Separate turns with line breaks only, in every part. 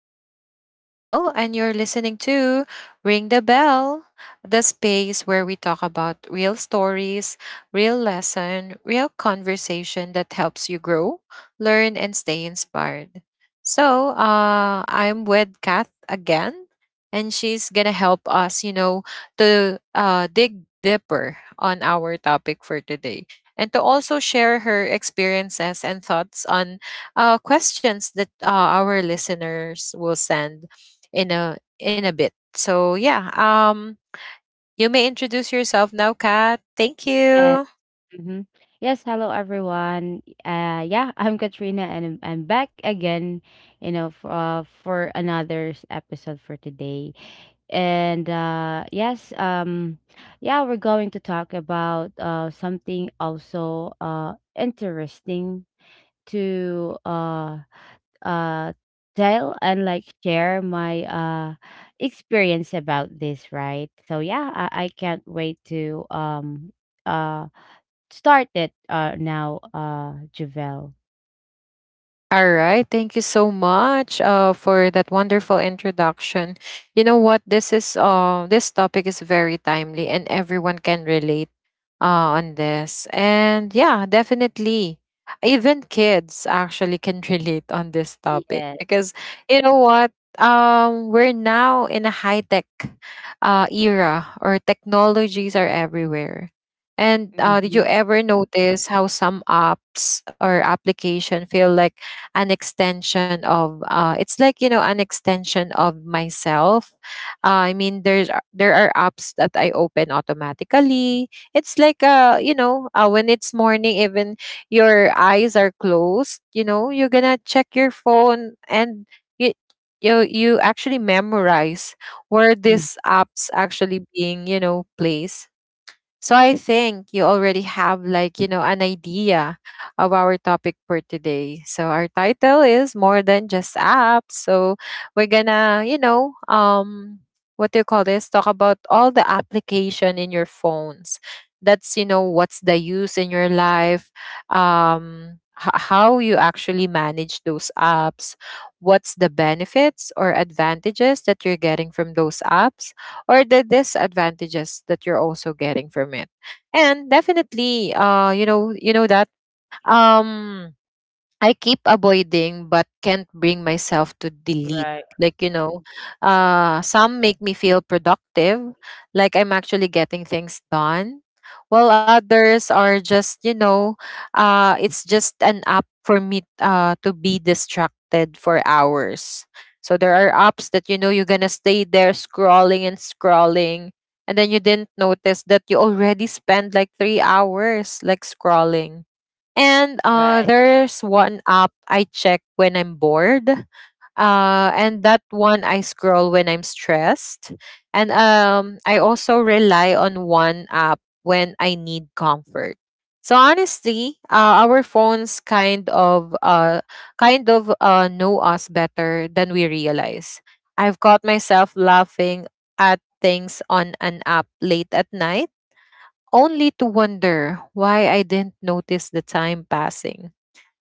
I'm your host Javelle and you're listening to Ring the Bell, the space where we talk about real stories, real lesson, real conversation that helps you grow, learn and stay inspired. So I'm with Kath again and she's going to help us, you know, to dig deeper on our topic for today and to also share her experiences and thoughts on questions that our listeners will send in a bit. So you may introduce yourself now, Kat. Thank
Yes,
you.
mhm. Yes, Hello everyone. Yeah, I'm Katrina and I'm back again, you know, for another episode for today. And yes, yeah, we're going to talk about something also interesting to uh tell and like share my experience about this, right? So yeah, I can't wait to uh start it, now, Javelle.
All right. Thank you so much for that wonderful introduction. You know what? This is this topic is very timely, and everyone can relate on this. And yeah, definitely, even kids actually can relate on this topic
Yes.
because you know what? We're now in a high tech era, or technologies are everywhere. And did you
Mhm,
ever notice how some apps or application feel like an extension of it's like you know an extension of myself I mean there are apps that I open automatically. It's like when it's morning even your eyes are closed, you know you're gonna check your phone and you you actually memorize where
mm.
these apps actually being, you know, placed. So I think you already have, like, you know, an idea of our topic for today. So our title is more than just apps. So we're gonna, you know, what do you call this? Talk about all the application in your phones. That's, you know, what's the use in your life, how you actually manage those apps, what's the benefits or advantages that you're getting from those apps or the disadvantages that you're also getting from it. And definitely you know that um I keep avoiding but can't bring myself to delete.
Right,
Like, you know, some make me feel productive, like I'm actually getting things done, while others are just, you know, it's just an app for me to be distracted for hours. So there are apps that, you know, you're going to stay there scrolling and scrolling. And then you didn't notice that you already spent like 3 hours like scrolling. And
right,
there's one app I check when I'm bored. And that one I scroll when I'm stressed. And I also rely on one app when I need comfort. So honestly, our phones kind of know us better than we realize. I've caught myself laughing at things on an app late at night only to wonder why I didn't notice the time passing.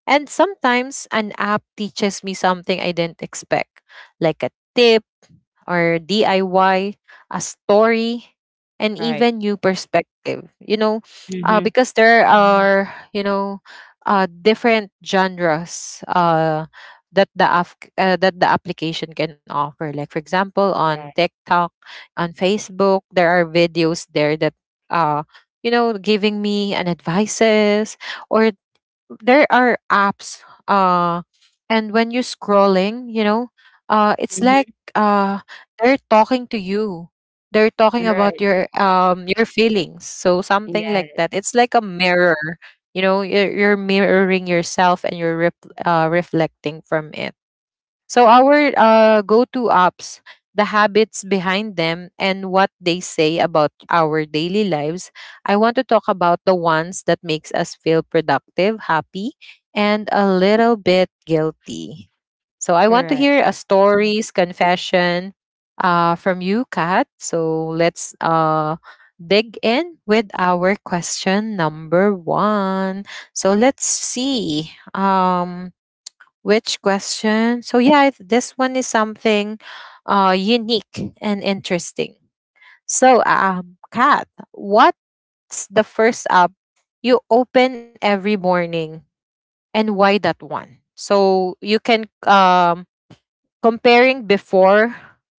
And sometimes an app teaches me something I didn't expect, like a tip or DIY, a story, and
right.
even new perspective. You know,
Mhm.
because there are different genres that the application can offer. Like for example, on
Right.
TikTok, on Facebook, there are videos there that uh, you know, giving me an advices, or there are apps uh, and when you're scrolling, you know, uh, it's like
Mhm.
uh, they're talking to you, they're talking about
Right.
your feelings, so something like
Yes.
that. It's like a mirror, you know. You're mirroring yourself and you're reflecting from it. So our go-to apps, the habits behind them, and what they say about our daily lives. I want to talk about the ones that makes us feel productive, happy, and a little bit guilty. So I want to
right
hear a stories, confession, from you, Kat. So let's dig in with our question number one. So let's see. Which question? So yeah, I- this one is something unique and interesting. So Kat, what's the first app you open every morning and why that one? So you can comparing before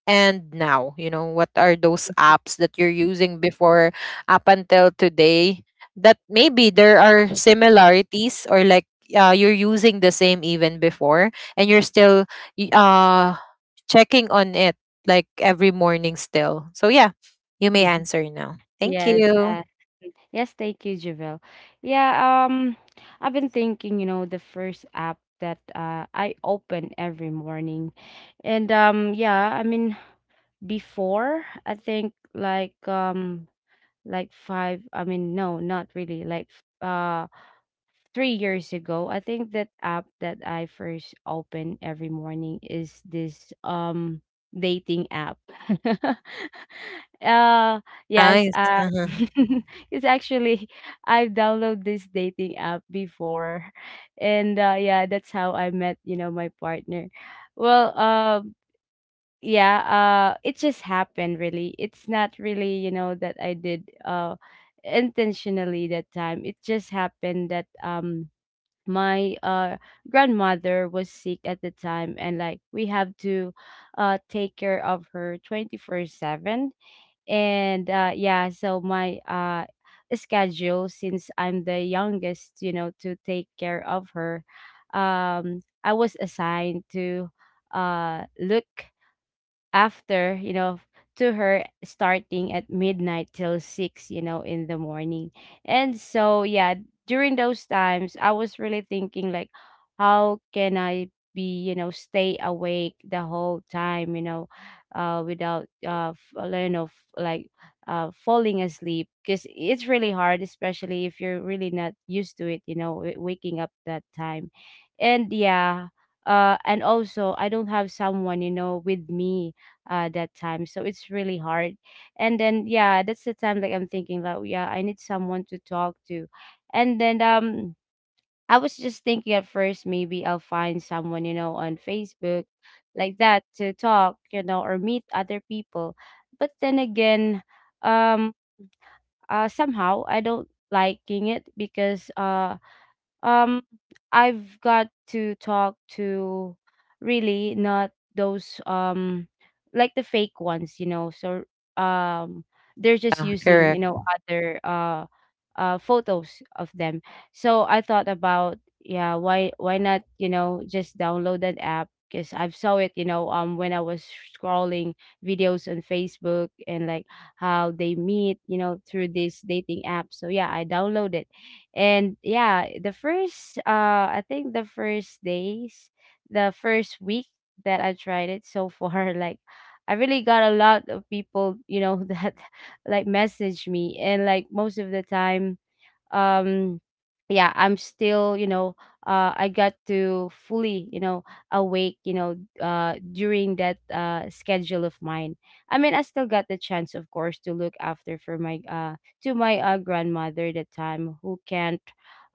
and now, you know, what are those
Mhm,
apps that you're using before up until today, that maybe there are similarities or like you're using the same even before and you're still y- uh checking on it like every morning still. So yeah, you may answer now. Thank
Yes,
you.
uh, yes, thank you, Javelle. Yeah, um, I've been thinking, you know, the first app that I open every morning, and I mean, before I think like five I mean, no, not really. Like, 3 years ago, I think that app that I first open every morning is this dating app. uh yes
Nice,
uh
uh-huh.
It's actually, I've downloaded this dating app before, and yeah, that's how I met, you know, my partner. Well um yeah uh it just happened, really. It's not really, you know, that I did intentionally that time. It just happened that my grandmother was sick at the time, and like, we have to take care of her 24/7. And yeah, so my schedule, since I'm the youngest, you know, to take care of her, I was assigned to look after, you know, to her, starting at midnight till six, you know, in the morning. And so yeah, during those times, I was really thinking, like, how can I be, you know, stay awake the whole time, you know, without, you know, like, falling asleep, because it's really hard, especially if you're really not used to it, you know, waking up that time. And yeah, and also I don't have someone, you know, with me that time, so it's really hard. And then yeah, that's the time like I'm thinking that yeah, I need someone to talk to. And then I was just thinking at first, maybe I'll find someone, you know, on Facebook, like that, to talk, you know, or meet other people. But then again, um somehow I don't liking it, because um, I've got to talk to really not those like the fake ones, you know. So um they're just
Yeah,
using,
correct.
you know, other photos of them. So I thought about, yeah, why not, you know, just download that app, because I've saw it, you know, when I was scrolling videos on Facebook, and like how they meet, you know, through this dating app. So yeah, I downloaded. And yeah, the first, I think the first days, the first week that I tried it so far, like I really got a lot of people, you know, that like message me. And like, most of the time, um yeah, I'm still, you know, I got to fully, you know, awake, you know, during that schedule of mine. I mean, I still got the chance, of course, to look after for my to my grandmother at that time, who can't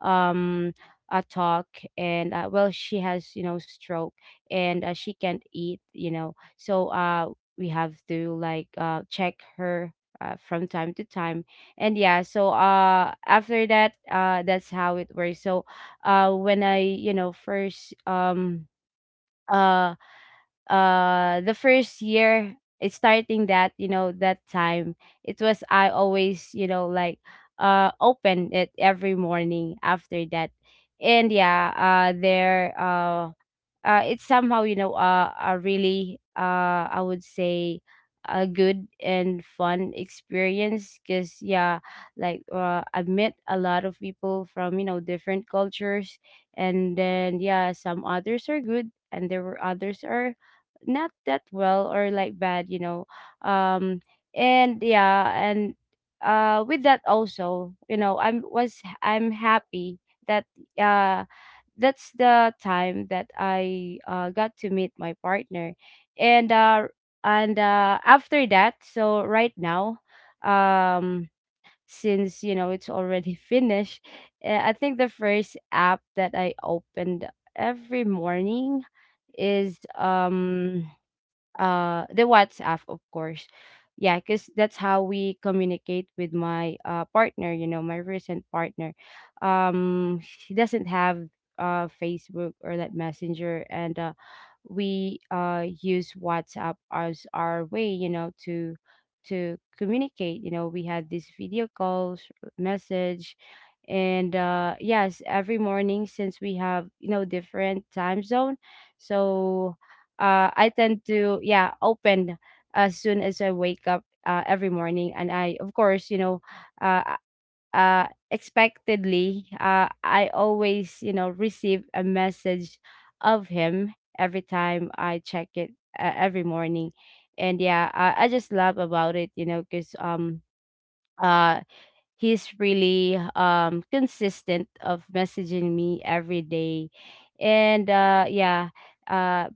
um talk. And well, she has, you know, stroke, and she can't eat, you know. So we have to like check her from time to time. And yeah, so after that, that's how it works. So when I, you know, first uh the first year, it's starting that, you know, that time, it was, I always, you know, like open it every morning after that. And yeah, there it's somehow, you know, a really, I would say, a good and fun experience, because yeah, like I've met a lot of people from, you know, different cultures. And then yeah, some others are good, and there were others are not that well or like bad, you know. um and yeah. And with that also, you know, I'm happy that uh that's the time that I got to meet my partner. And uh, and uh, after that, so right now, um, since you know it's already finished, I think the first app that I opened every morning is the WhatsApp, of course. Yeah, cuz that's how we communicate with my partner, you know, my recent partner. Um, she doesn't have Facebook or that Messenger, and we use WhatsApp as our way, you know, to communicate. You know, we had these video calls, message, and yes, every morning, since we have, you know, different time zone. So I tend to yeah open as soon as I wake up, every morning. And I, of course, you know, uh, expectedly, I always, you know, receive a message of him every time I check it, every morning. And yeah, I just love about it, you know, because uh he's really consistent of messaging me every day. And uh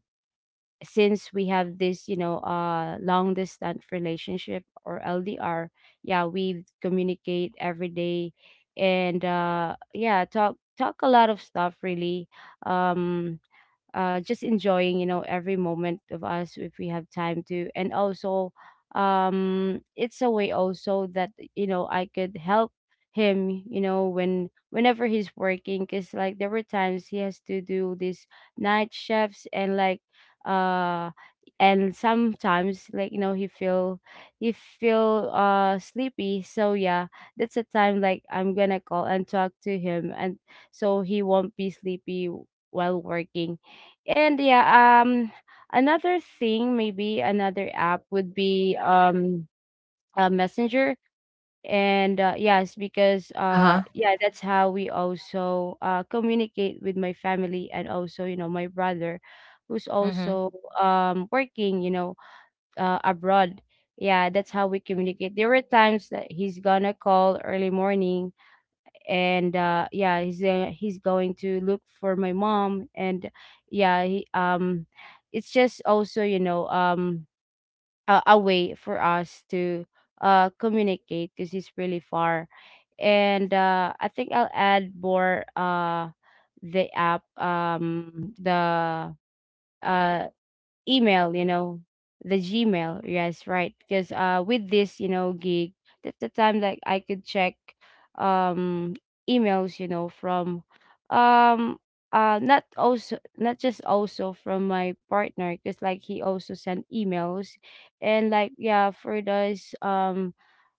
since we have this, you know, long distance relationship, or LDR, yeah, we communicate every day. And yeah, talk a lot of stuff, really. um just enjoying, you know, every moment of us, if we have time to. And also, it's a way also that, you know, I could help him, you know, when whenever he's working, because like there were times he has to do these night shifts. And like, uh and sometimes like, you know, he feel sleepy. So yeah, that's a time like I'm gonna call and talk to him and so he won't be sleepy while working. And yeah, another thing, maybe another app would be a messenger. And yes, because
Uh-huh.
yeah, that's how we also communicate with my family, and also, you know, my brother, who's
Mm-hmm.
also working, you know, abroad. Yeah, that's how we communicate. There were times that he's gonna call early morning. And he's going to look for my mom. And yeah, it's just also, you know, a way for us to communicate, because he's really far. And I think I'll add more, the app the uh email, you know, the Gmail. Yes, right. Because with this, you know, gig, that's the time like I could check um emails, you know, from um not also not just also from my partner, because like he also sent emails. And like yeah, for those um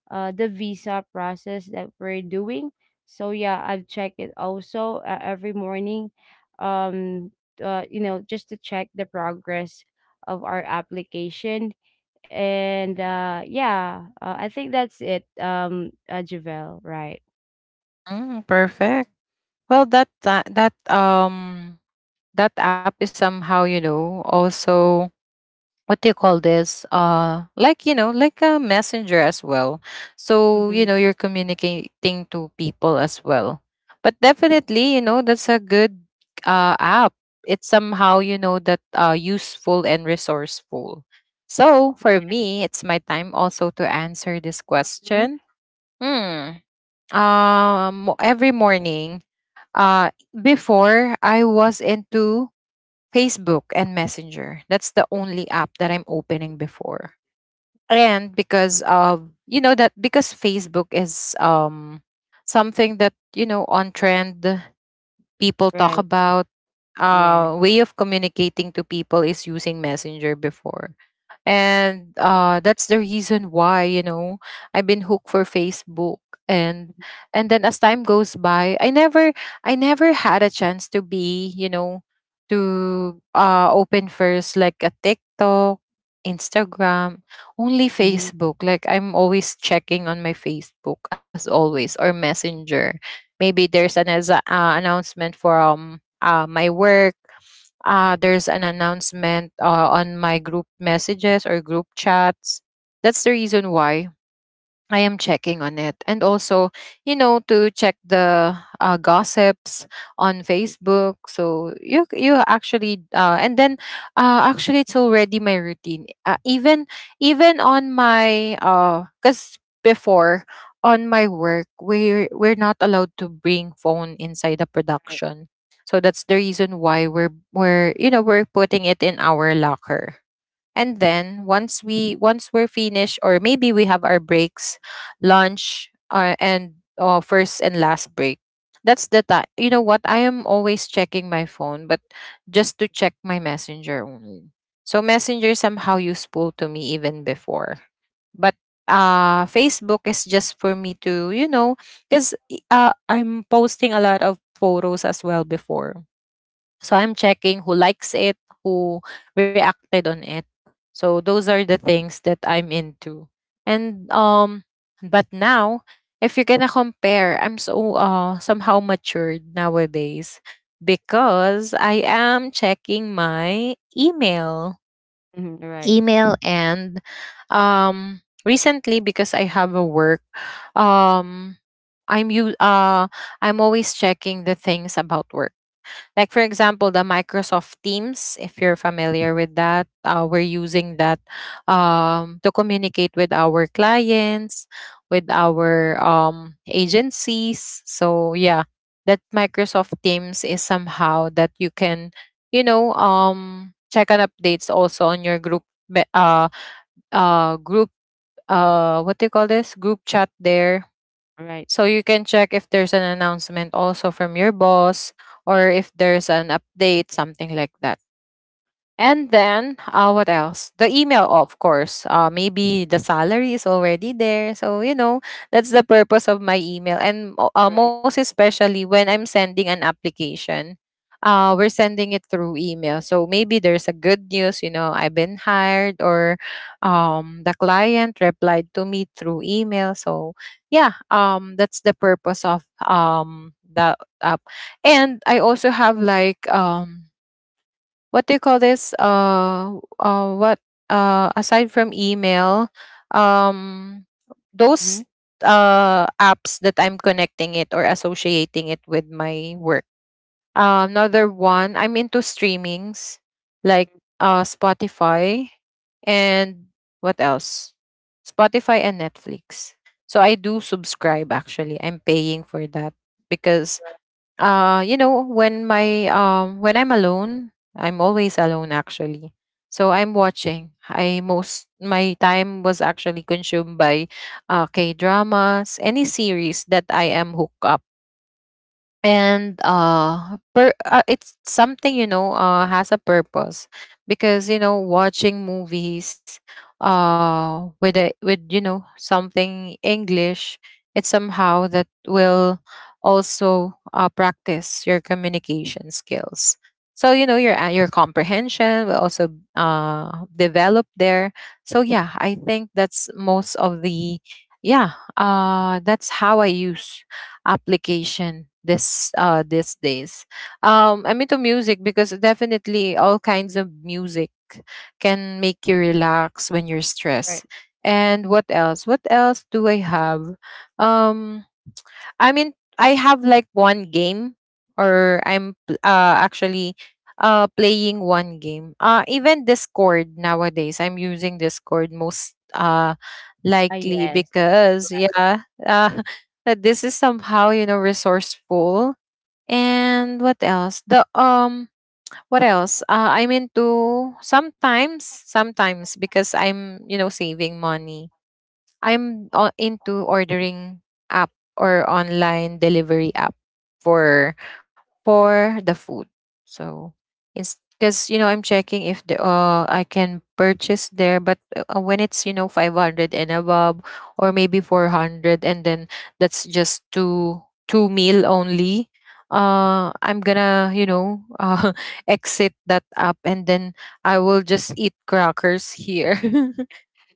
uh, the visa process that we're doing. So yeah, I've checked it also, every morning, um, you know, just to check the progress of our application. And yeah, I think that's it, Javel, right?
Mm, perfect. Well, that that app is somehow, you know, also, what do you call this, uh, like, you know, like a messenger as well, so you
Mm-hmm.
know you're communicating to people as well. But definitely, you know, that's a good app. It's somehow, you know, that useful and resourceful. So for me, it's my time also to answer this
Mhm.
question. Hmm. Um, every morning, uh, before I was into Facebook and Messenger. That's the only app that I'm opening before.
Right.
And because of, you know, that, because Facebook is something that, you know, on trend people talk
Right.
about. Uh,
Yes.
way of communicating to people is using Messenger before. And that's the reason why, you know, I've been hooked for Facebook. And and then as time goes by, I never had a chance to be, you know, to open first like a TikTok, Instagram. Only
Mm-hmm.
Facebook. Like, I'm always checking on my Facebook as always, or Messenger. Maybe there's an as announcement from my work, there's an announcement on my group messages or group chats. That's the reason why I am checking on it. And also, you know, to check the gossips on Facebook. So you actually and then actually it's already my routine. Even on my uh, cuz before on my work, we're not allowed to bring phone inside the
Right.
production. So that's the reason why we're you know, we're putting it in our locker. And then once we're finished, or maybe we have our breaks, lunch, and first and last break. That's the time. You know what? I am always checking my phone, but just to check my messenger only. So messenger somehow useful to me even before, but Facebook is just for me to, you know, because uh, I'm posting a lot of photos as well before. So I'm checking who likes it, who reacted on it. So those are the things that I'm into. And But now if you're gonna compare, I'm so somehow matured nowadays because I am checking my email.
Right.
Email, and recently because I have a work, um I'm you uh I'm always checking the things about work, like, for example, the Microsoft Teams. If you're familiar with that, we're using that to communicate with our clients, with our agencies. So yeah, that Microsoft Teams is somehow that you can, you know, check on updates also on your group, what do you call this? Group chat there,
Right.
so you can check if there's an announcement also from your boss, or if there's an update, something like that. And then, what else? The email, of course. Maybe the salary is already there. So, you know, that's the purpose of my email. And
Right.
most especially when I'm sending an application, we're sending it through email. So maybe there's a good news, you know, I've been hired, or the client replied to me through email. So, yeah, that's the purpose of the app. And I also have, like, what do you call this? What? Aside from email, um, those
hmm
apps that I'm connecting it or associating it with my work. Another one, I'm into streamings like Spotify and what else? Spotify and Netflix. So I do subscribe actually. I'm paying for that because uh, you know, when my um, when I'm alone, I'm always alone actually. So I'm watching, I most my time was actually consumed by K dramas, any series that I am hooked up. And it's something, you know, uh, has a purpose, because you know watching movies with a with you know something English, it's somehow that will also practice your communication skills. So you know your comprehension will also develop there. So yeah, I think that's most of the, yeah, uh, that's how I use application this these days. Um, I'm into music because definitely all kinds of music can make you relax when you're stressed.
Right.
And what else What else do I have? Um, I mean, I have like one game, or actually playing one game. Even Discord nowadays, I'm using Discord most likely
Yes.
because,
Right.
yeah, that this is somehow, you know, resourceful. And what else? I'm into sometimes because I'm, you know, saving money, into ordering app or online delivery app for the food. So because you know I'm checking if the I can purchase there, but when it's you know 500 and above or maybe 400, and then that's just two meal only. I'm gonna you know exit that app and then I will just eat crackers here.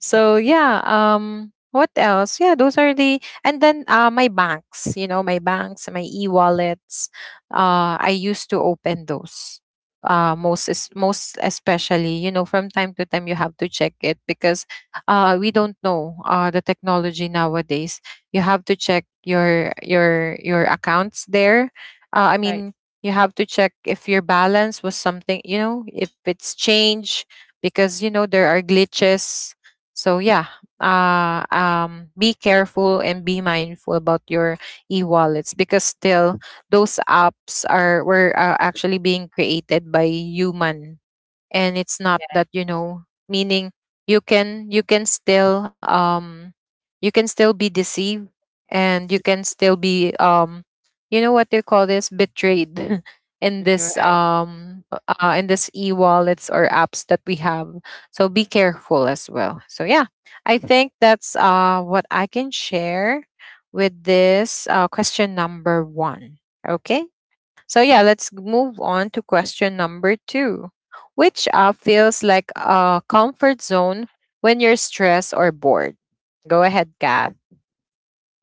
So yeah, what else? Yeah, those are the and then my banks, you know, my banks, my e-wallets. I used to open those. Most most especially, you know, from time to time you have to check it because we don't know the technology nowadays. You have to check your accounts there. I
Right.
mean, you have to check if your balance was something, you know, if it's changed because you know there are glitches so yeah, be careful and be mindful about your e-wallets because still those apps are were actually being created by human, and it's not
Yes.
that you know meaning you can still you can still be deceived, and you can still be you know what they call this betrayed
Right.
in this e-wallets or apps that we have. So be careful as well. So yeah, I think that's what I can share with this question number one. Okay, so yeah, let's move on to question number two. Which app feels like a comfort zone when you're stressed or bored? Go ahead, Kath.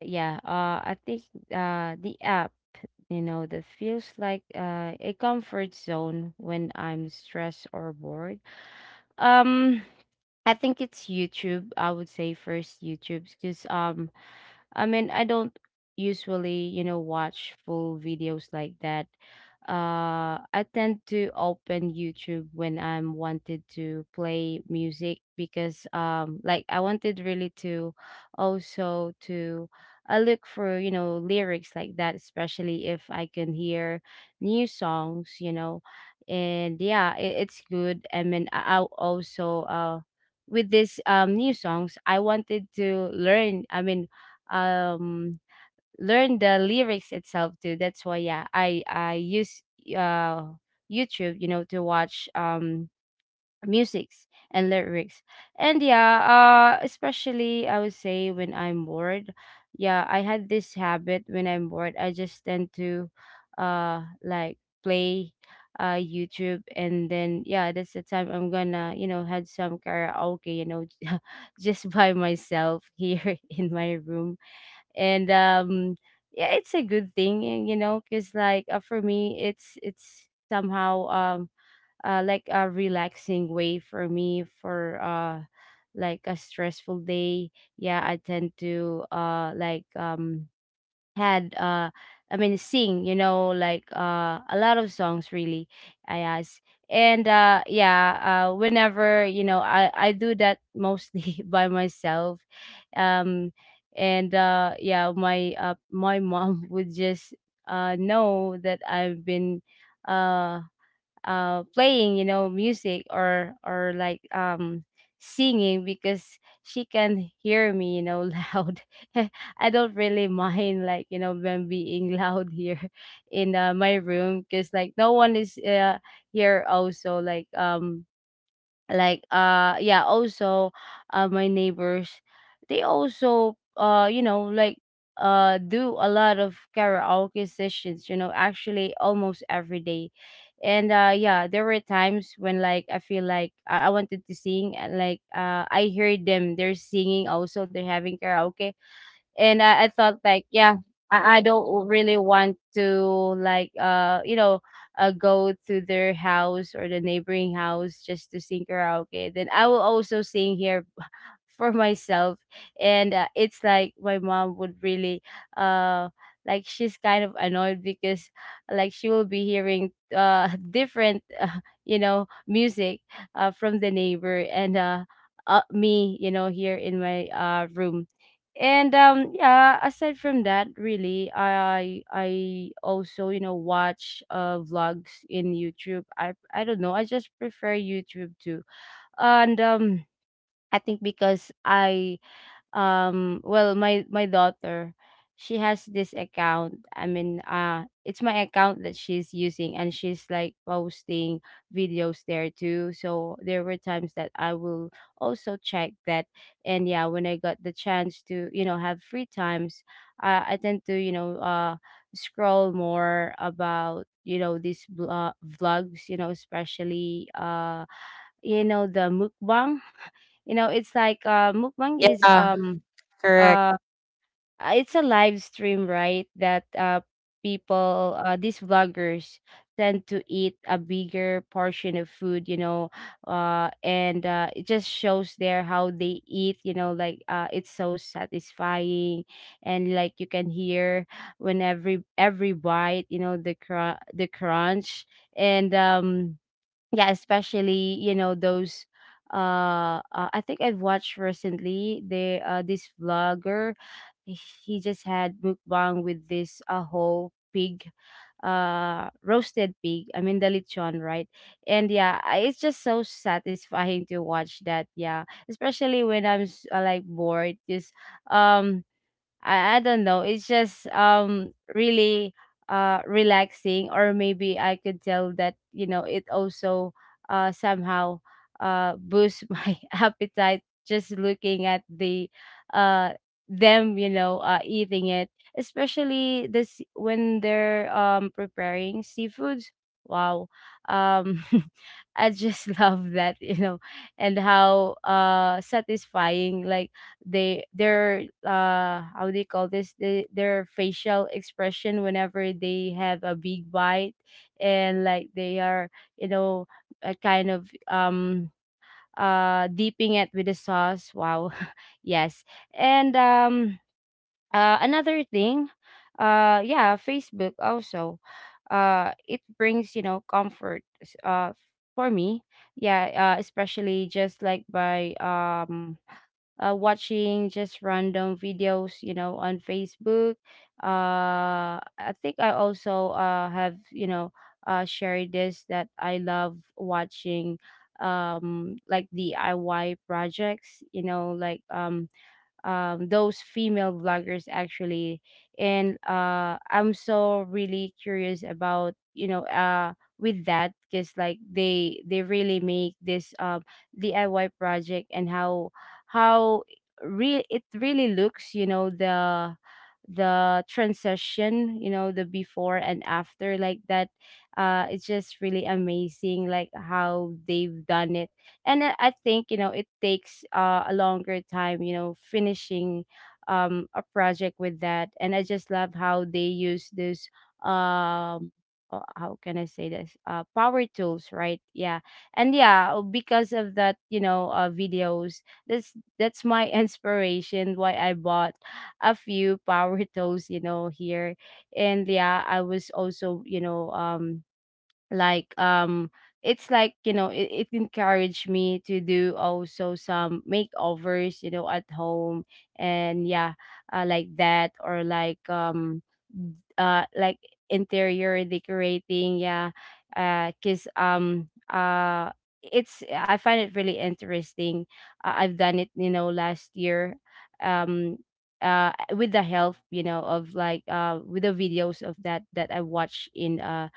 Yeah I think the app, you know, that feels like, a comfort zone when I'm stressed or bored, um I think it's YouTube. I would say first YouTube, because I mean, I don't usually, you know, watch full videos like that. I tend to open YouTube when I'm wanted to play music, because, like I wanted really to also to I look for, you know, lyrics like that, especially if I can hear new songs, you know. And yeah, it's good. I mean, I'll also, with this new songs, I wanted to learn. I mean, um learn the lyrics itself too. That's why yeah, I use uh YouTube, you know, to watch musics and lyrics. And yeah, especially, I would say, when I'm bored, yeah, I had this habit. When I'm bored, I just tend to like play YouTube. And then yeah, that's the time I'm gonna, you know, had some karaoke, you know, just by myself here in my room. And yeah, it's a good thing. And, you know, because like, for me, it's somehow like a relaxing way for me for like a stressful day. Yeah, I tend to like had I mean, sing, you know, like a lot of songs, really, I asked. And yeah, whenever, you know, I do that mostly by myself. Um and yeah, my my mom would just know that I've been uh playing, music, or like singing because she can hear me, you know, loud. I don't really mind, like, you know, when being loud here in my room, because like no one is here also, like yeah. Also my neighbors, they also you know, like, do a lot of karaoke sessions, you know, actually almost every day. And yeah, there were times when like I feel like I wanted to sing, and like I heard them, they're singing also, they're having karaoke. And I thought like yeah, I don't really want to like go to their house or the neighboring house just to sing karaoke, then I will also sing here for myself. And it's like my mom would really uh like she's kind of annoyed because like she will be hearing different you know, music from the neighbor, and me, you know, here in my room. And yeah, aside from that, really, I also, you know, watch vlogs in YouTube. I don't know, I just prefer YouTube too. And I think because I well, my daughter, she has this account. I mean, it's my account that she's using, and she's like posting videos there too. So there were times that I will also check that. And yeah, when I got the chance to, you know, have free times, I tend to, you know, scroll more about, you know, these vlogs, you know, especially you know, the mukbang. You know, it's like mukbang is
Ah, correct.
uh it's a live stream, right, that people, these vloggers, tend to eat a bigger portion of food, you know. And it just shows there how they eat, you know. Like it's so satisfying, and like you can hear when every bite, you know, the the crunch. And yeah, especially, you know, those I think I've watched recently the this vlogger, he he just had mukbang with this a whole pig, roasted pig, I mean the lechon, right? And yeah, it's just so satisfying to watch that. Yeah, especially when like bored, because um I don't know. It's just really relaxing. Or maybe I could tell that, you know, it also somehow boosts my appetite, just looking at the uh them, you know, eating it. Especially this when they're preparing seafoods. Wow. Um I just love that, you know, and how satisfying, like they their how do you call this, their facial expression whenever they have a big bite, and like they are, you know, a kind of dipping it with the sauce. Wow. Yes. And another thing, yeah, Facebook also, it brings, you know, comfort for me. Yeah, especially just like by watching just random videos, you know, on Facebook. I think I also have, you know, shared this, that I love watching like DIY projects, you know, like those female vloggers actually. And I'm so really curious about, you know, with that, because like they really make this DIY project, and how real it really looks, you know, the transition, you know, the before and after, like that. Uh, it's just really amazing like how they've done it. And I think, you know, it takes a longer time, you know, finishing a project with that. And I just love how they use this um how can I say this, power tools, right? Yeah. And yeah because of that, you know, videos, that's my inspiration why I bought a few power tools, you know, here. And yeah, I was also, you know, like um it's like, you know, it encouraged me to do also some makeovers, you know, at home. And yeah like that, or like uh like interior decorating, yeah. Because it's, I find it really interesting. Uh, I've done it, you know, last year. Um with the help, you know, of like with the videos of that that I watched in uh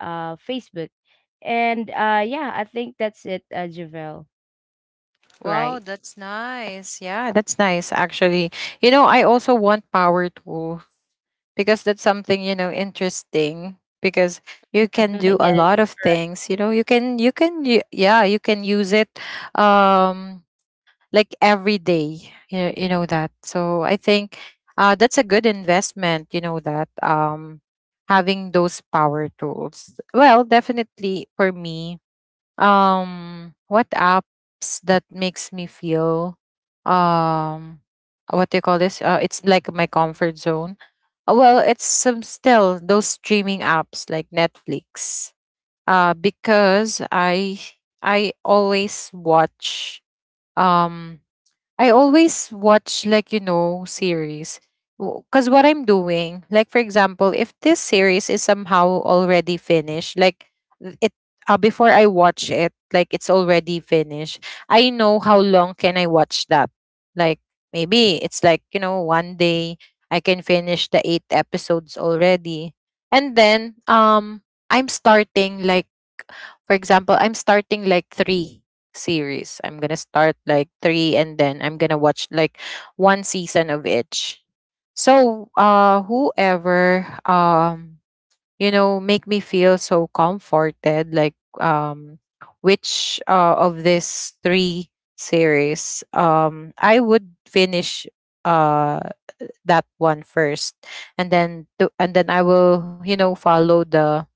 uh Facebook. And yeah, I think that's it, Javel.
Wow,
Right.
that's nice. Yeah, that's nice actually. You know, I also want power tool because that's something, you know, interesting because you can do a lot
Yes.
of things, you know, yeah, you can use it um like every day. You know that, so I think that's a good investment you know, that having those power tools. Well, definitely for me, what apps that makes me feel um what do you call this, it's like my comfort zone. Well, it's some still those streaming apps like Netflix, because I always watch um I always watch like you know series because what I'm doing, like for example, if this series is somehow already finished, like th- it before I watch it, like it's already finished, I know how long can I watch that. Like maybe it's like you know one day I can finish the 8 episodes already, and then I'm starting like for example, I'm starting like three series. I'm gonna start like three and then I'm gonna watch like one season of each. So whoever you know make me feel so comforted like um which of these three series I would finish uh that one first, and then and then I will you know follow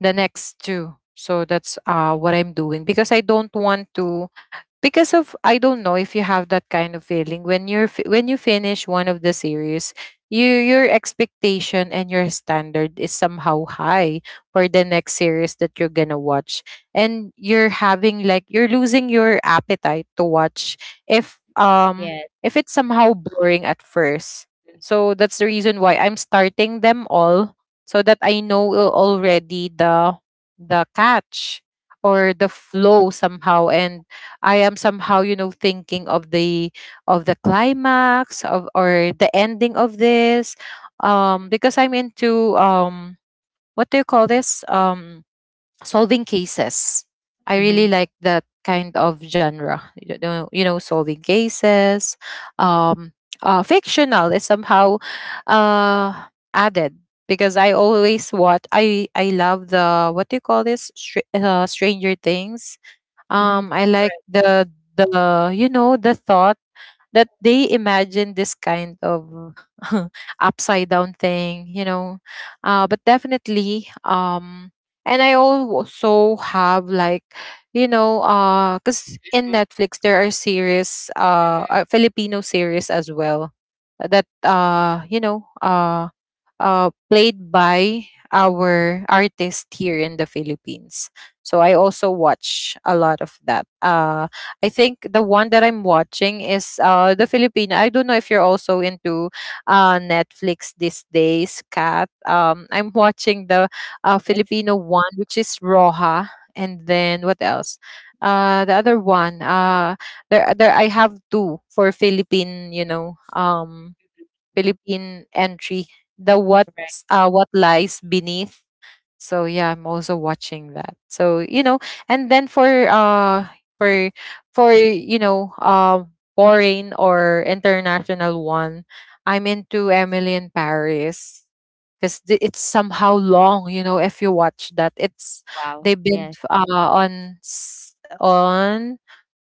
the next two. So that's what I'm doing because I don't want to because of I don't know if you have that kind of feeling when you're when you finish one of the series, you your expectation and your standard is somehow high for the next series that you're gonna watch, and you're having like you're losing your appetite to watch if um
Yes.
if it's somehow boring at first. So that's the reason why I'm starting them all, so that I know already the catch or the flow somehow, and I am somehow, you know, thinking of the climax of or the ending of this. Because I'm into what do you call this? Solving cases. I
Mm-hmm.
really like that kind of genre. You know, solving cases. Um Fictional is somehow uh added because I always watch I love the what do you call this Stranger Things.
Mm-hmm. Mm-hmm.
I like
Right.
the you know the thought that they imagine this kind of upside down thing, you know. But definitely, and I also have like you know, because in
Mm-hmm.
Netflix there
Right.
are series,
Mm-hmm.
Filipino series as well that you know, played by our artist here in the Philippines. So I also watch a lot of that. I think the one that I'm watching is the Filipino. I don't know if you're also into Netflix these days, Kat. I'm watching the
Yes.
Filipino one, which is Roja. And then what else? The other one. There. I have two for Philippine. You know, Philippine entry, the
Right.
what's what lies beneath. So yeah, I'm also watching that. So you know, and then for for for you know foreign or international one, I'm into Emily in Paris because it's somehow long. You know, if you watch that, it's
Wow.
they've been
Yes.
on on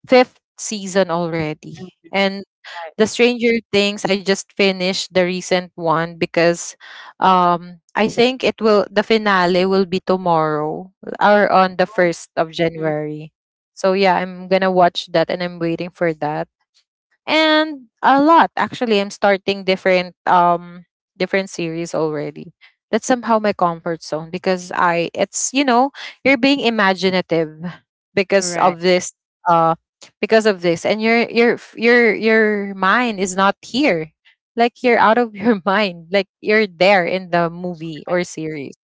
fifth season already,
Mm-hmm.
and
Right.
the Stranger Things, I just finished the recent one because I think it will the finale will be tomorrow or on the 1st of
Mhm.
January. So yeah, I'm going to watch that and I'm waiting for that, and a lot actually I'm starting different different series already. That's somehow my comfort zone because I it's you know you're being imaginative because
Right.
of this uh because of this, and your f- your mind is not here, like you're out of your mind, like you're there in the movie
Right.
or series.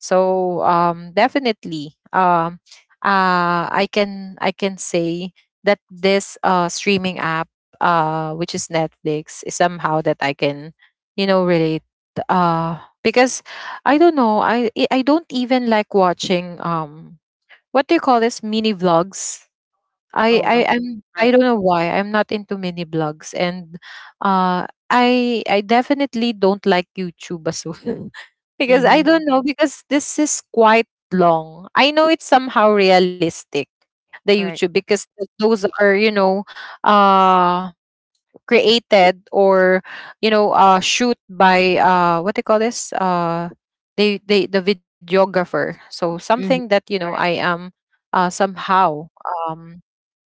So definitely, I can say that this streaming app, which is Netflix, is somehow that I can, you know, relate. Because I don't know, I don't even like watching what do you call this mini vlogs.
Oh, okay.
I
Right.
don't know why I'm not into mini blogs, and I definitely don't like YouTube as well because I
Mm-hmm.
don't know because this is quite long. I know it's somehow realistic the
Right.
YouTube because those are you know uh created or you know shoot by what do you call this they the videographer, so something
Mm-hmm.
that you know I
Right.
am somehow um,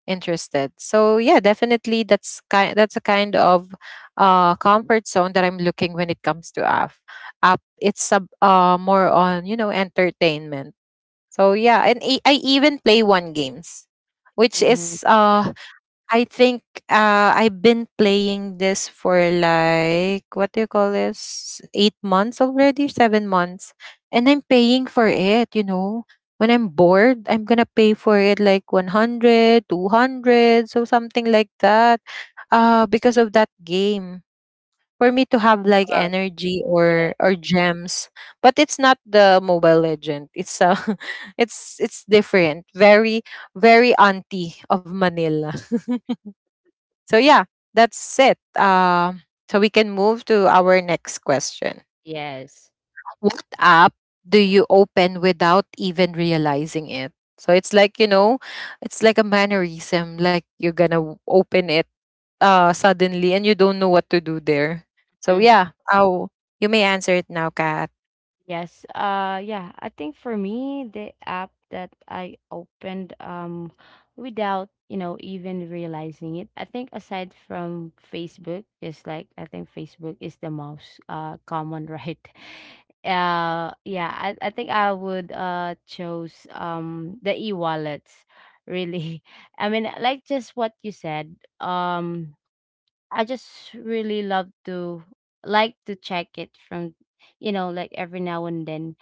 interested. So yeah, definitely that's kind that's a kind of comfort zone that I'm looking when it comes to app. App it's sub more on, you know, entertainment. So yeah, and I even play one games, which
Mm-hmm.
is I think I've been playing this for like what do you call this? 8 months already, 7 months, and I'm paying for it. You know, when I'm bored, I'm gonna pay for it like 100, 200, so something like that. Because of that game, for me to have like
Wow.
energy
Yes.
or gems, but it's not the Mobile Legend. It's it's different. Very auntie of Manila. So yeah, that's it. So we can move to our next question.
Yes.
What app do you open without even realizing it? So it's like you know, it's like a mannerism. Like you're gonna open it suddenly, and you don't know what to do there. So yeah, oh, you may answer it now, Kat.
Yes. Yeah, I think for me the app that I opened without, you know, even realizing it, I think aside from Facebook, just like I think Facebook is the most common, right? Yeah, I think I would choose the e-wallets really. I mean, like just what you said. I just really love to like to check it from, you know, like every now and then,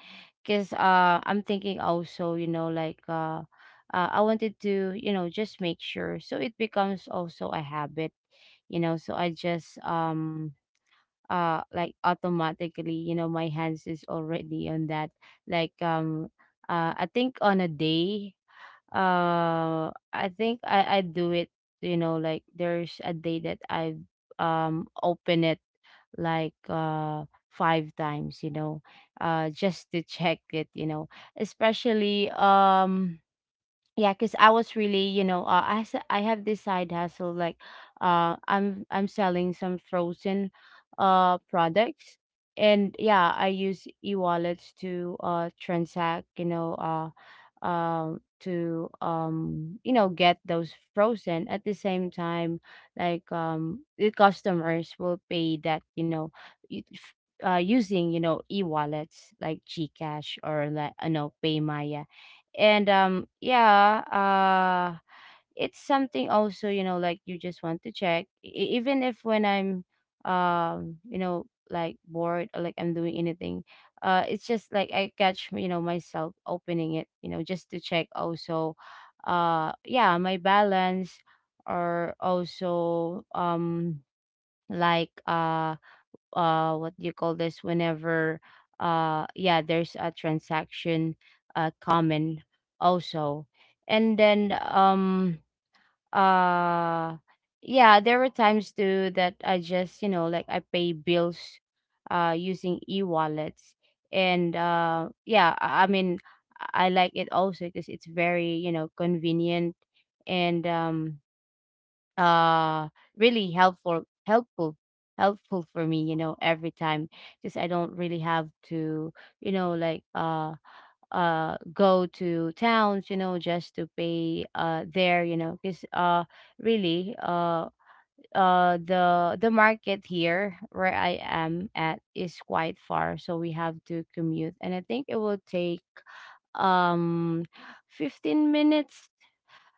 because I'm thinking also, you know, like I wanted to, you know, just make sure, so it becomes also a habit, you know. So I just like automatically, you know, my hands is already on that, like I think on a day, I think I do it, you know. Like there's a day that I open it like five times, you know, just to check it, you know, especially yeah, because I was really, you know, I have this side hustle, like I'm selling some frozen products. And yeah, I use e-wallets to transact, you know, to you know, get those frozen. At the same time, like the customers will pay that, you know, y- f- using, you know, e-wallets like GCash, or like, you know, PayMaya. And yeah, it's something also, you know, like you just want to check. Even if, when I'm you know, like bored, or like I'm doing anything, it's just like I catch, you know, myself opening it, you know, just to check also yeah, my balance. Or also like uh what do you call this, whenever yeah, there's a transaction common also. And then uh yeah, there were times too that I just, you know, like, I pay bills using e-wallets. And yeah, I I like it also because it's very, you know, convenient. And uh really helpful, helpful for me, you know, every time, because I don't really have to, you know, like go to towns, you know, just to pay there, you know, because really the market here where I am at is quite far, so we have to commute, and I think it will take um 15 minutes,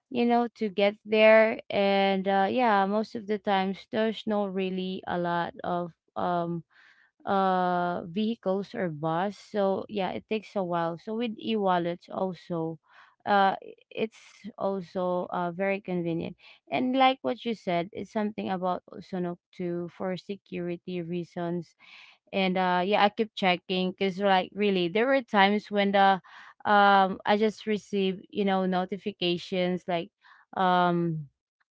you know, to get there. And yeah, most of the times there's no really a lot of vehicles or bus, so yeah it takes a while. So with e-wallets also uh it's also very convenient. And like what you said, it's something about also no, to for security reasons. And yeah, I kept checking, because like really there were times when the I just received, you know, notifications like um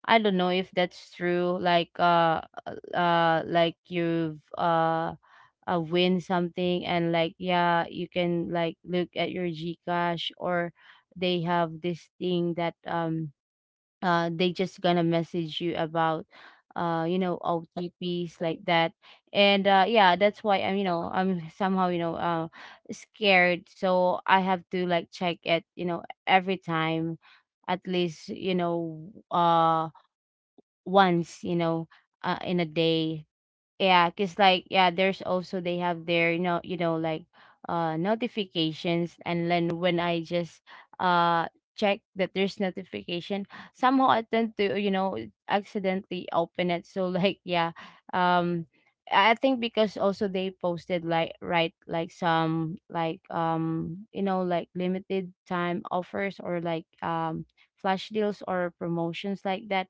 I don't know if that's true, like you've win something, and like yeah, you can like look at your GCash, or they have this thing that they just gonna message you about you know, OTPs like that. And yeah, that's why I'm, you know, I'm somehow, you know, scared, so I have to like check it, you know, every time, at least, you know, once, you know, in a day. Yeah, cause like yeah, there's also they have their, you know, you know like notifications, and then when I just uh check that there's notification, somehow I tend to, you know, accidentally open it. So like yeah, um, I think because also they posted like right like some like you know like limited time offers, or like flash deals or promotions like that.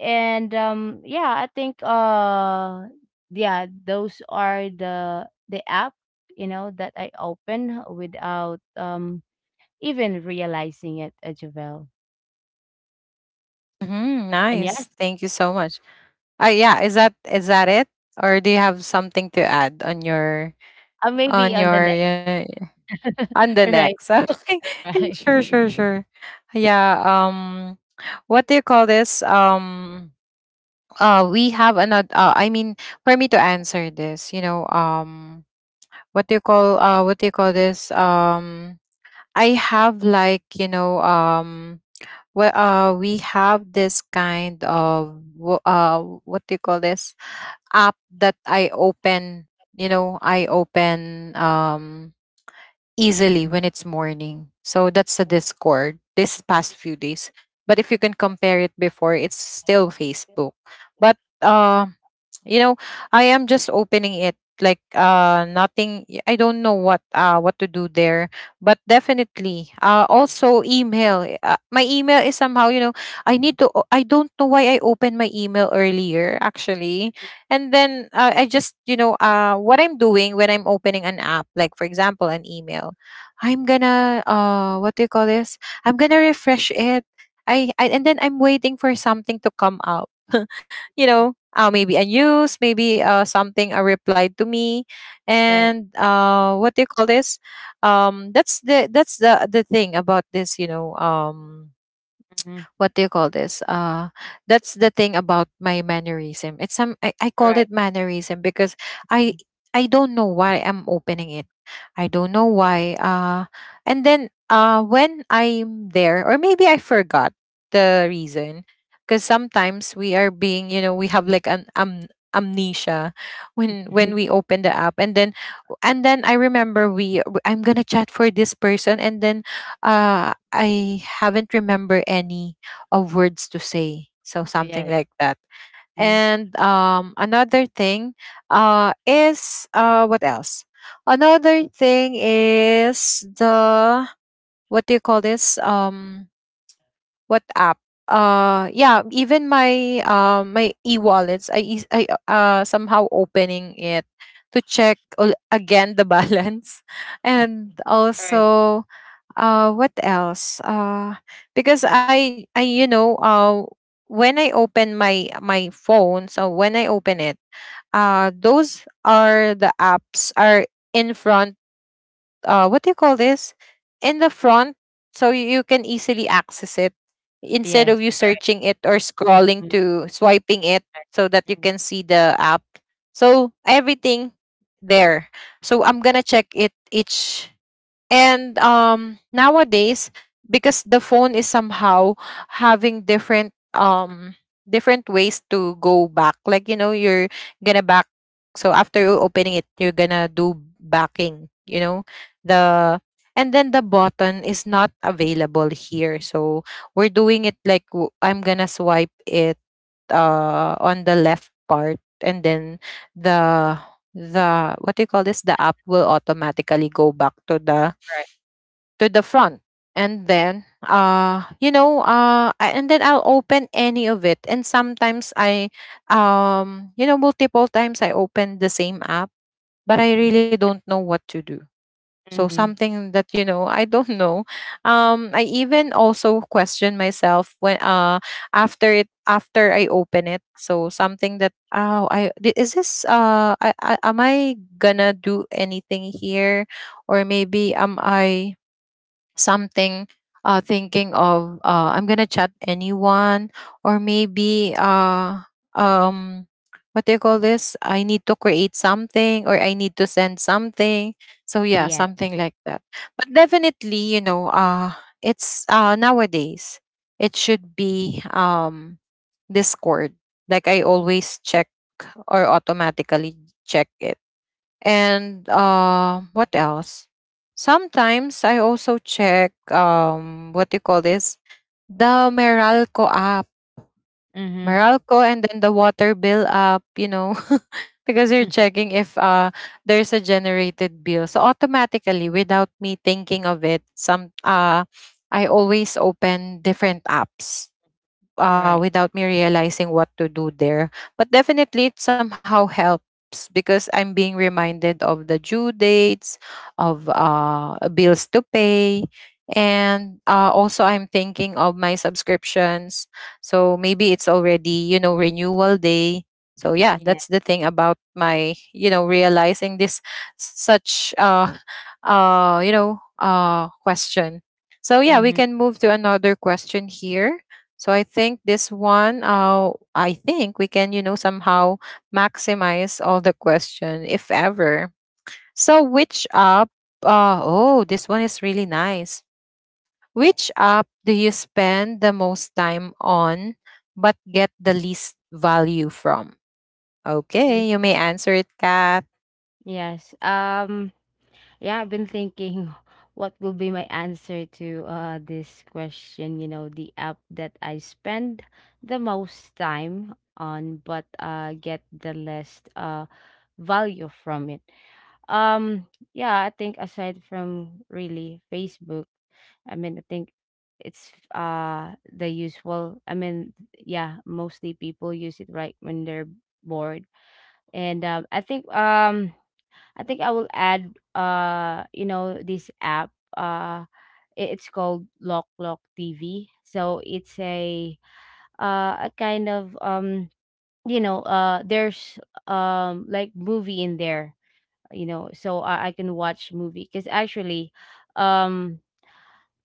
And yeah, I think yeah, those are the app, you know, that I open without even realizing it, Javel.
Hmm,
And yes,
nice. Thank you so much. Yeah, is that it, or do you have something to add on your
maybe
on
on the
your
next.
on the
Right.
next. Okay. Yeah,
Right.
sure, sure, sure. Yeah. What do you call this? We have another. I mean, for me to answer this, you know, what do you call? What do you call this? I have like you know, well, we have this kind of what do you call this app that I open. You know, I open easily when it's morning. So that's the Discord this past few days. But if you can compare it before, it's still Facebook. But you know, I am just opening it like nothing. I I don't know what to do there. But definitely also email. My email is somehow, you know, I need to I don't know why I opened my email earlier actually, and then I just you know what I'm doing when I'm opening an app, like for example an email, I'm gonna what do you call this, I'm gonna refresh it. I, and then I'm waiting for something to come up you know maybe a news, maybe something, a reply to me.
Right.
And what do you call this, that's the the thing about this you know
Mm-hmm.
what do you call this? That's the thing about my mannerism. It's some I
All
call
right.
it mannerism because I I don't know why I'm opening it. I don't know why. And then when I'm there, or maybe I forgot the reason, because sometimes we are being, you know, we have like an amnesia when
Mm-hmm.
when we open the app, and then I remember we I am I'm gonna chat for this person, and then I haven't remember any of words to say, so something
Yes.
like that.
Mm.
And Another thing is what else? Another thing is the what do you call this? What app? Yeah, even my my e-wallets, I somehow opening it to check again the balance, and
All right.
also what else, because I you know, when I open my phone, so when I open it, those are the apps are in front, what do you call this in the front, so you can easily access it instead
Yes.
of you
Right.
searching it or scrolling
Mm.
to swiping it, so that you
Mm.
can see the app, so everything there. So I'm gonna check it each. And nowadays, because the phone is somehow having different ways to go back. Like you know you're gonna back, so after you opening it you're gonna do backing, you know. The and then The button is not available here. So we're doing it like I'm gonna swipe it on the left part, and then the the what do you call this the app will automatically go back
Right.
to the front. And then and then I'll open any of it, and sometimes I you know, multiple times I open the same app, but I really don't know what to do.
Mm.
So
Mm-hmm. Right. Mm-hmm.
something that you know I don't know. I even also question myself when after I open it, so something that, oh, is this I gonna do anything here, or maybe am I something, thinking of, I'm gonna chat anyone, or maybe um what do you call this, I need to create something or I need to send something. So yeah,
Yes.
something like that. But definitely, you know, it's nowadays, it should be Discord, like I always check, or automatically check it. And what else? Sometimes I also check, what you call this? The Meralco app.
Mm-hmm.
Meralco, and then the water bill app, you know, because you're checking if there's a generated bill. So automatically without me thinking of it, some I always open different apps
Right.
without me realizing what to do there. But definitely, it somehow helps, because I'm being reminded of the due dates, of bills to pay. And also, I'm thinking of my subscriptions. So maybe it's already, you know, renewal day. So yeah,
Yeah.
that's the thing about my, you know, realizing this such, you know, question. So yeah, we
Mm-hmm.
can move to another question here. So I think this one, I think we can, you know, somehow maximize all the question, if ever. So which app? Oh, this one is really nice. Which app do you spend the most time on, but get the least value from?
Mm.
Okay, you may answer it, Kat.
Yes. Um yeah, I've been thinking. What will be my answer to this question, you know, the app that I spend the most time on, but get the less value from it? Um yeah, I think aside from really Facebook, I mean I think it's the usual. I mean yeah, mostly people use it, right, when they're bored. And I think I will add you know this app uh it's called Lock Lock TV. So it's a kind of you know there's like movie in there, you know, so I can watch movie because actually um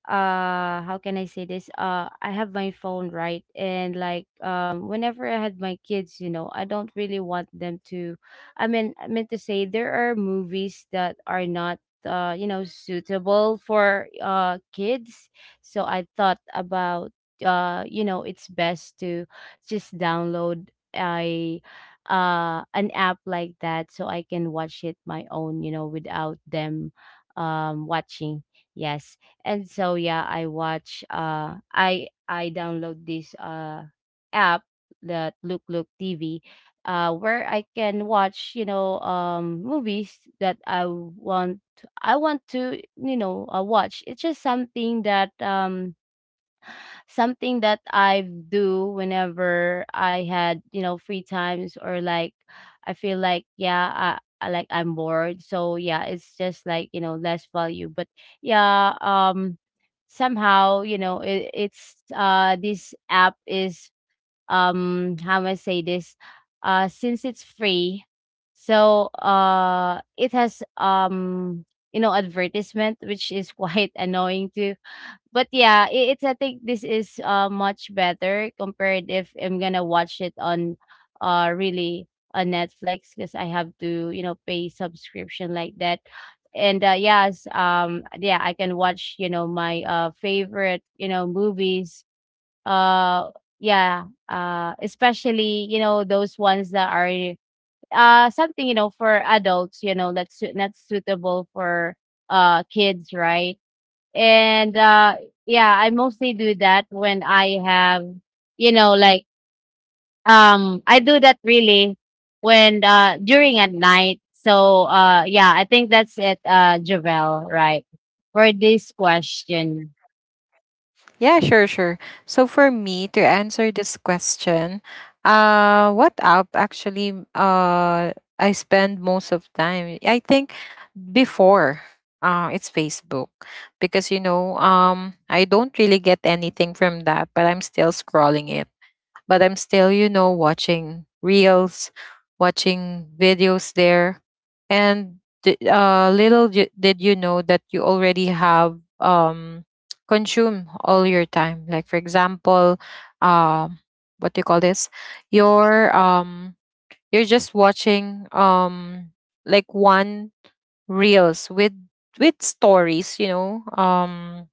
how can I say this? I have my phone, right? And like whenever I had my kids, you know, I don't really want them to, I meant to say there are movies that are not you know suitable for kids. So I thought about, you know, it's best to just download a an app like that, so I can watch it my own, you know, without them watching. Yes. And so, yeah, I watch, I download this app, that Look Look TV, where I can watch, you know, movies that I want. I want to, you know, watch. It's just something that I do whenever I had, you know, free times, or like I feel like, yeah, I like I'm bored. So yeah, it's just like, you know, less value. But yeah, somehow, you know, it's this app is how am I say this? Since it's free, so it has you know advertisement, which is quite annoying to. But yeah, I think this is much better compared if I'm gonna watch it on really on Netflix, because I have to, you know, pay subscription like that. And yes, yeah, I can watch, you know, my favorite, you know, movies. Uh yeah, especially, you know, those ones that are something, you know, for adults, you know, that's not suitable for kids, right? And yeah, I mostly do that when I have, you know, like I do that really when during at night. So yeah, I think that's it, Javel, right, for this question.
Yeah, sure, sure. So for me to answer this question, what app actually I spend most of time? I think before it's Facebook, because you know I don't really get anything from that, but I'm still scrolling it, but I'm still you know watching reels, watching videos there. And did you know that you already have consume all your time, like for example, um what do you call this your you're just watching, like one reels with stories, you know,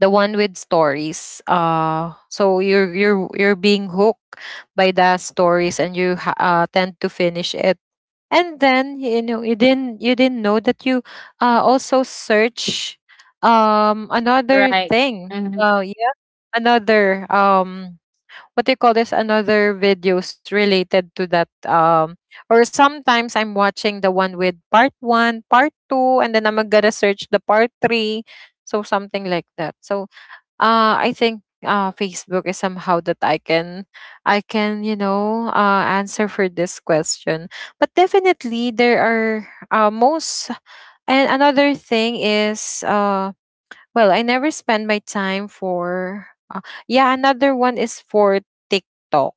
the one with stories. So you're being hooked by the stories and you tend to finish it, and then you know you didn't know that you also search another
Right.
thing
Hmm.
uh yeah, another what do you call this another videos related to that or sometimes I'm watching the one with part one part two and then I'm gonna search the part three, so something like that. So I think Facebook is somehow that I can I can you know answer for this question. But definitely there are most. And another thing is, well, I never spend my time for uh, yeah, another one is for TikTok.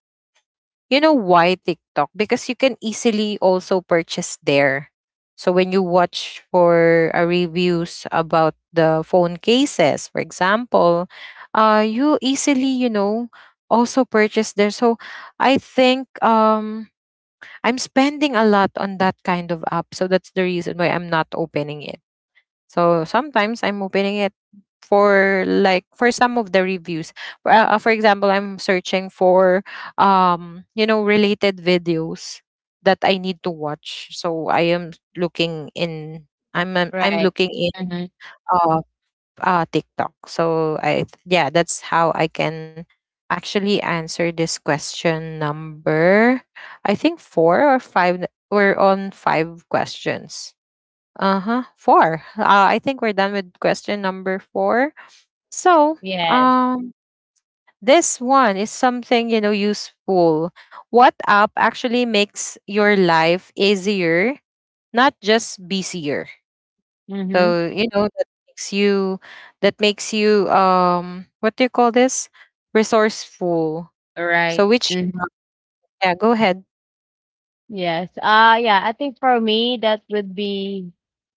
You know why TikTok? Because you can easily also purchase there. So when you watch for reviews about the phone cases, for example, you easily, you know, also purchase there. So I think, I'm spending a lot on that kind of app. So that's the reason why I'm not opening it. So sometimes I'm opening it for like for some of the reviews. For example, I'm searching for you know related videos that I need to watch. So I am looking in I'm
Right.
looking in
Hmm.
uh, TikTok. So I, yeah, that's how I can actually answer this question number, I think 4 or 5. We're on 5 questions. Uh huh. Four. I think we're done with question number four. So,
Yes.
um, this one is something you know useful. What app actually makes your life easier, not just busier?
Hmm.
So you know that makes you what do you call this resourceful. So
Right.
which, yeah, go ahead.
Yes. Yeah, I think for me that would be,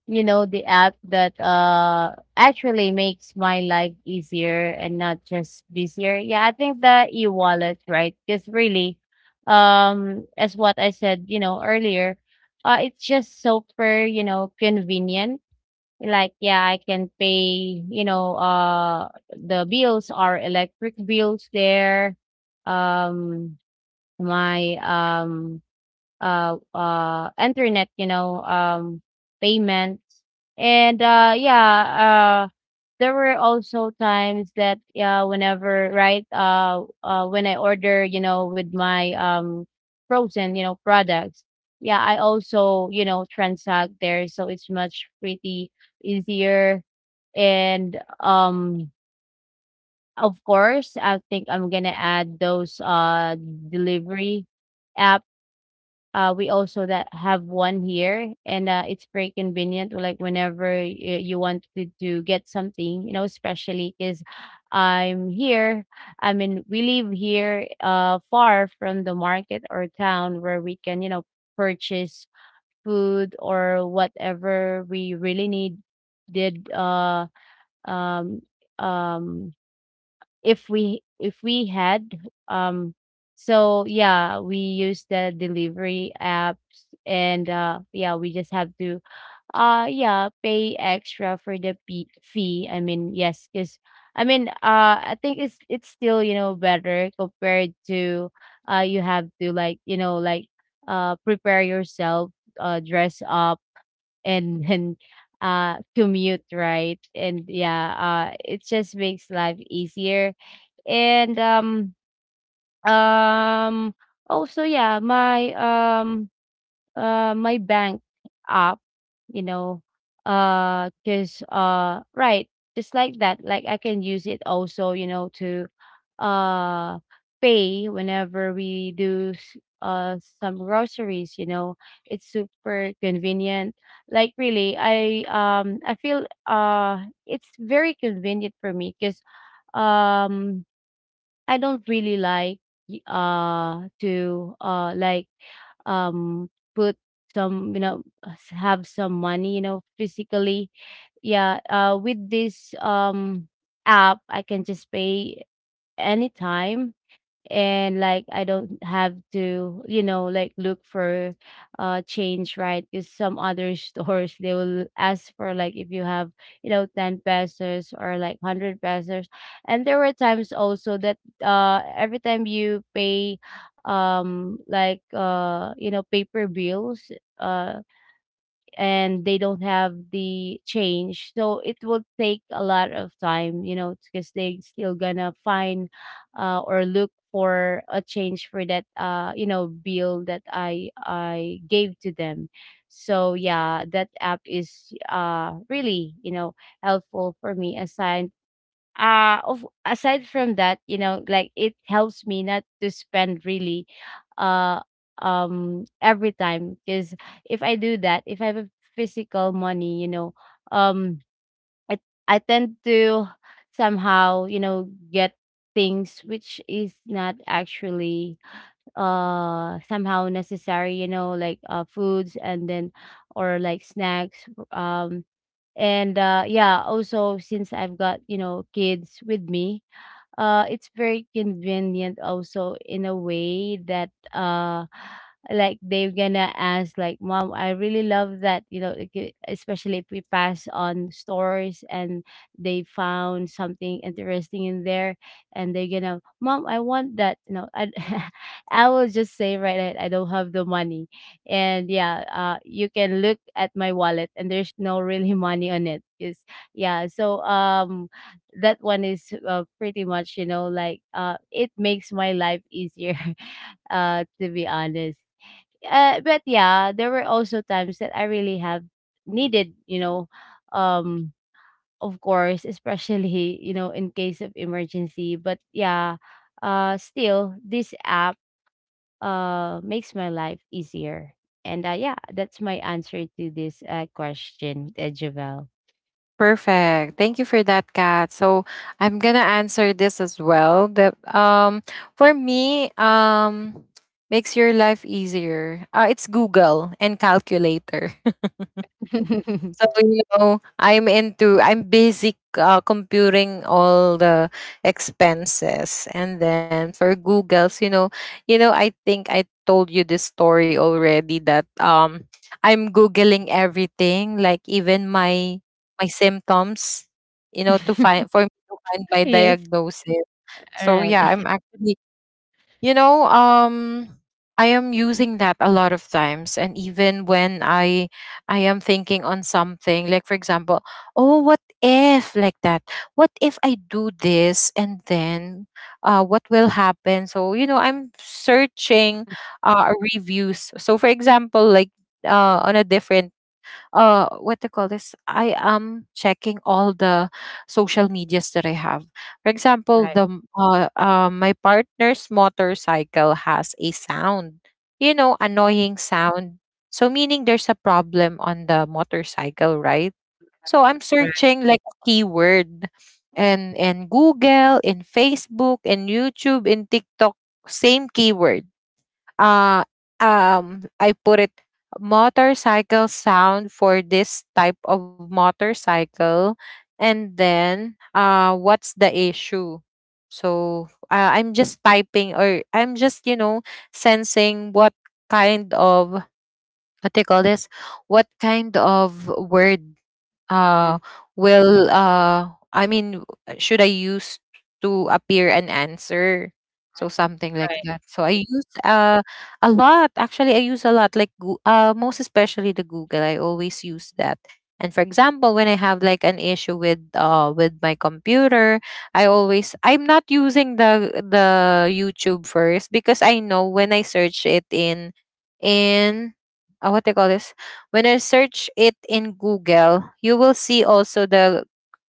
you know, the app that actually makes my life easier and not just busier. Yeah, I think the e-wallet, right? Because really as what I said, you know, earlier, it's just super, you know, convenient. Like yeah, I can pay, you know, the bills, our electric bills there. Um my internet, you know, payments. And yeah, there were also times that, yeah, whenever, right, when I order, you know, with my frozen, you know, products. Yeah, I also, you know, transact there, so it's much pretty easier. And of course I think I'm gonna add those delivery app. We also that have one here, and it's very convenient. Like whenever you want to get something, you know, especially because I'm here. I mean, we live here, far from the market or town where we can, you know, purchase food or whatever we really need. Did um um if we had, um so yeah, we use the delivery apps, and yeah, we just have to yeah pay extra for the fee, I mean, yes, because I think it's still, you know, better compared to you have to, like, you know, like prepare yourself, dress up, and then commute, right? And yeah, it just makes life easier. And, um, also, yeah, my, my bank app, you know, right, just like that, like I can use it also, you know, to, uh, pay whenever we do, some groceries, you know. It's super convenient. Like really, I feel, it's very convenient for me because, um. I don't really like to like um put some, you know, have some money, you know, physically. Yeah, with this app, I can just pay anytime, and like I don't have to, you know, like look for change, right? Because some other stores, they will ask for like if you have, you know, 10 pesos or like 100 pesos. And there were times also that every time you pay like you know paper bills, uh and they don't have the change, so it will take a lot of time, you know, because they still gonna find, or look for a change for that you know bill that I gave to them. So yeah, that app is really, you know, helpful for me aside of aside from that, you know, like it helps me not to spend really uh every time. Because if I do that, if I have a physical money, you know, um i I tend to somehow, you know, get things which is not actually somehow necessary, you know, like foods and then or like snacks. um and yeah, also since I've got, you know, kids with me, it's very convenient also in a way that like they're gonna ask like, mom, I really love that, you know, like, especially if we pass on stores, and they found something interesting in there, and they're gonna, mom, I want that, you know, I, I will just say right now, I don't have the money. And yeah, you can look at my wallet, and there's no really money on it is. Yeah, so that one is, pretty much, you know, like, uh, it makes my life easier to be honest. But yeah, there were also times that I really have needed, you know, um of course, especially, you know, in case of emergency. But yeah, still, this app makes my life easier. And yeah, that's my answer to this question, Javel.
Perfect. Thank you for that, Kat. So I'm gonna answer this as well. That for me, makes your life easier. It's Google and calculator. So you know, I'm basic computing all the expenses, and then for Google's, you know, I think I told you this story already that I'm googling everything, like even my symptoms, you know, to find, for me to find my
Yes.
diagnosis.
All
So
right.
yeah, I'm actually, you know, I am using that a lot of times. And even when I am thinking on something, like for example, oh, what if like that? What if I do this, and then what will happen? So, you know, I'm searching reviews. So for example, like on a different what they call this I am checking all the social medias that I have, for example,
Right.
the my partner's motorcycle has a sound, you know, annoying sound, so meaning there's a problem on the motorcycle, right? So I'm
Right.
searching like a keyword, and Google in Facebook in YouTube in TikTok, same keyword. uh I put it, motorcycle sound for this type of motorcycle, and then what's the issue? So I'm just typing, or I'm just you know sensing what kind of what they call this what kind of word
Mhm,
uh
mhm.
will I mean, should I use to appear an answer. So something like
Right,
that. So I use a lot, actually. I use a lot like most especially the Google, I always use that. And for example, when I have like an issue with my computer, I always I'm not using the YouTube first, because I know when I search it in what they call this when I search it in Google, you will see also the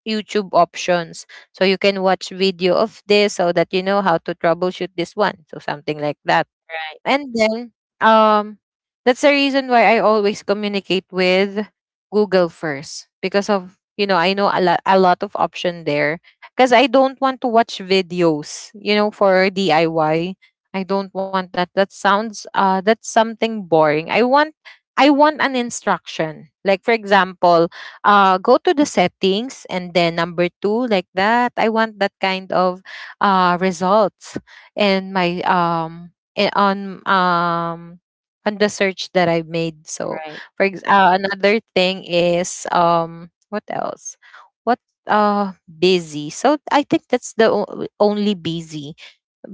YouTube options. So you can watch video of this so that you know how to troubleshoot this one. So something like that.
right,
And then um that's the reason why I always communicate with Google first, because of you know I know a lot of option there, because I don't want to watch videos you know for DIY I Y. I don't want that, that sounds that's something boring. I want, I want an instruction, like for example, go to the settings and then number 2, like that. I want that kind of results and my i- on um on the search that I made. So
alright.
for another thing is, what else? What, busy. So I think that's the only busy,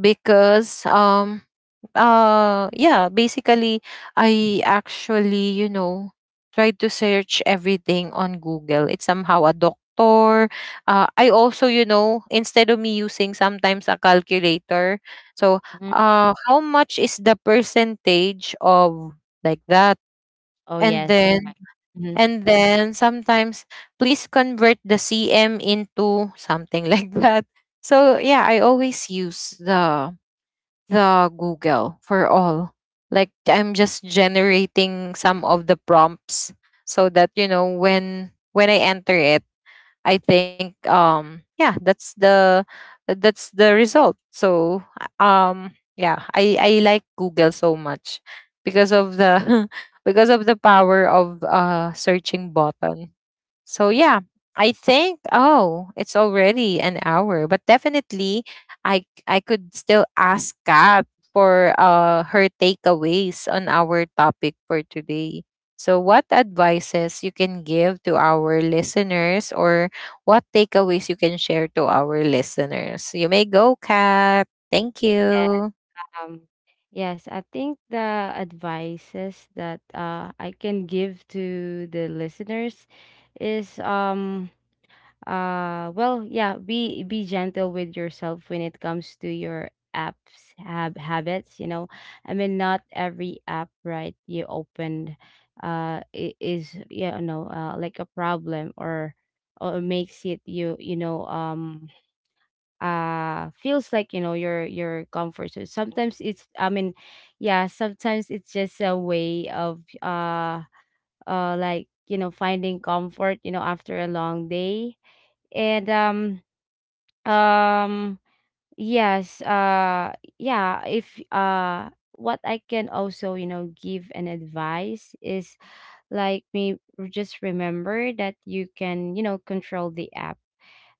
because yeah, basically I actually you know tried to search everything on Google, it's somehow a doctor. I also you know, instead of me using sometimes a calculator, so
Mhm.
how much is the percentage of, like that,
Oh,
and
yes,
then
right. Mhm.
and then sometimes, please convert the cm into something like that. So yeah, I always use the Google for all. Like I'm just generating some of the prompts, so that you know when I enter it, I think yeah, that's the result. So yeah, I like Google so much because of the because of the power of searching button. So yeah, I think, oh, it's already an hour, but definitely I could still ask Kat for her takeaways on our topic for today. So what advices you can give to our listeners, or what takeaways you can share to our listeners. You may go, Kat. Thank
Yeah,
you.
um, yes, I think the advices that, I can give to the listeners is, well, yeah, be gentle with yourself when it comes to your apps habits, you know. I mean, not every app, right, you opened is yeah no like a problem or makes it you you know feels like, you know, your comfort. So sometimes it's, yeah, sometimes it's just a way of like, you know, finding comfort, you know, after a long day. And um, yes, yeah, if what I can also, you know, give an advice is like me, just remember that you can, you know, control the app,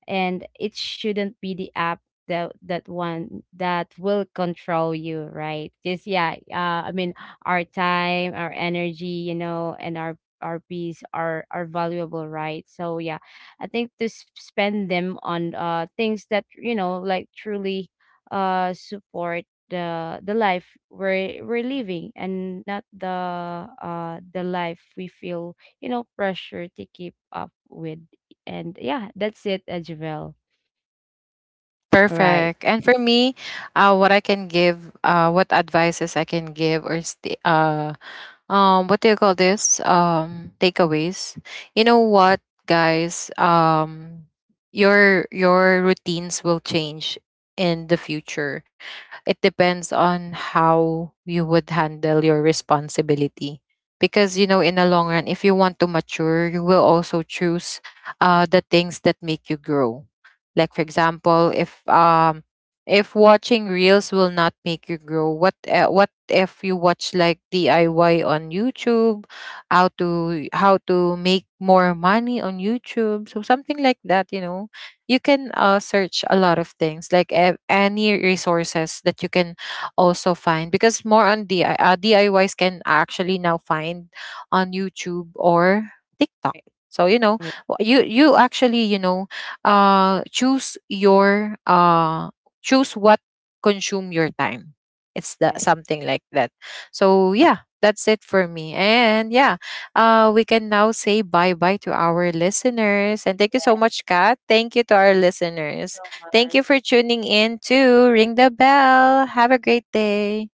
and it shouldn't be the app that one that will control you, right? Because yeah, I mean, our time, our energy, you know, and our peace are valuable, right? So yeah, I think to spend them on things that, you know, like truly support the life we're living, and not the the life we feel, you know, pressure to keep up with. And yeah, that's it, Javel. All right.
Perfect. And for me, what I can give, what advices I can give, or what do you call this, takeaways. You know what guys, your routines will change in the future. It depends on how you would handle your responsibility, because you know in the long run, if you want to mature, you will also choose the things that make you grow. Like for example, if watching reels will not make you grow, what if you watch like DIY on YouTube, how to make more money on YouTube, so something like that, you know. You can search a lot of things like any resources that you can also find, because more on DI uh, DIYs can actually now find on YouTube or TikTok. So you know,
Right.
you you actually you know choose your choose what consume your time. It's the
Yeah, right.
something like that. So yeah, that's it for me. And yeah, we can now say bye bye to our listeners, and thank you so much, Kat. Thank you to our listeners,
So
thank
much.
you for tuning in to Ring the Bell. Have a great day.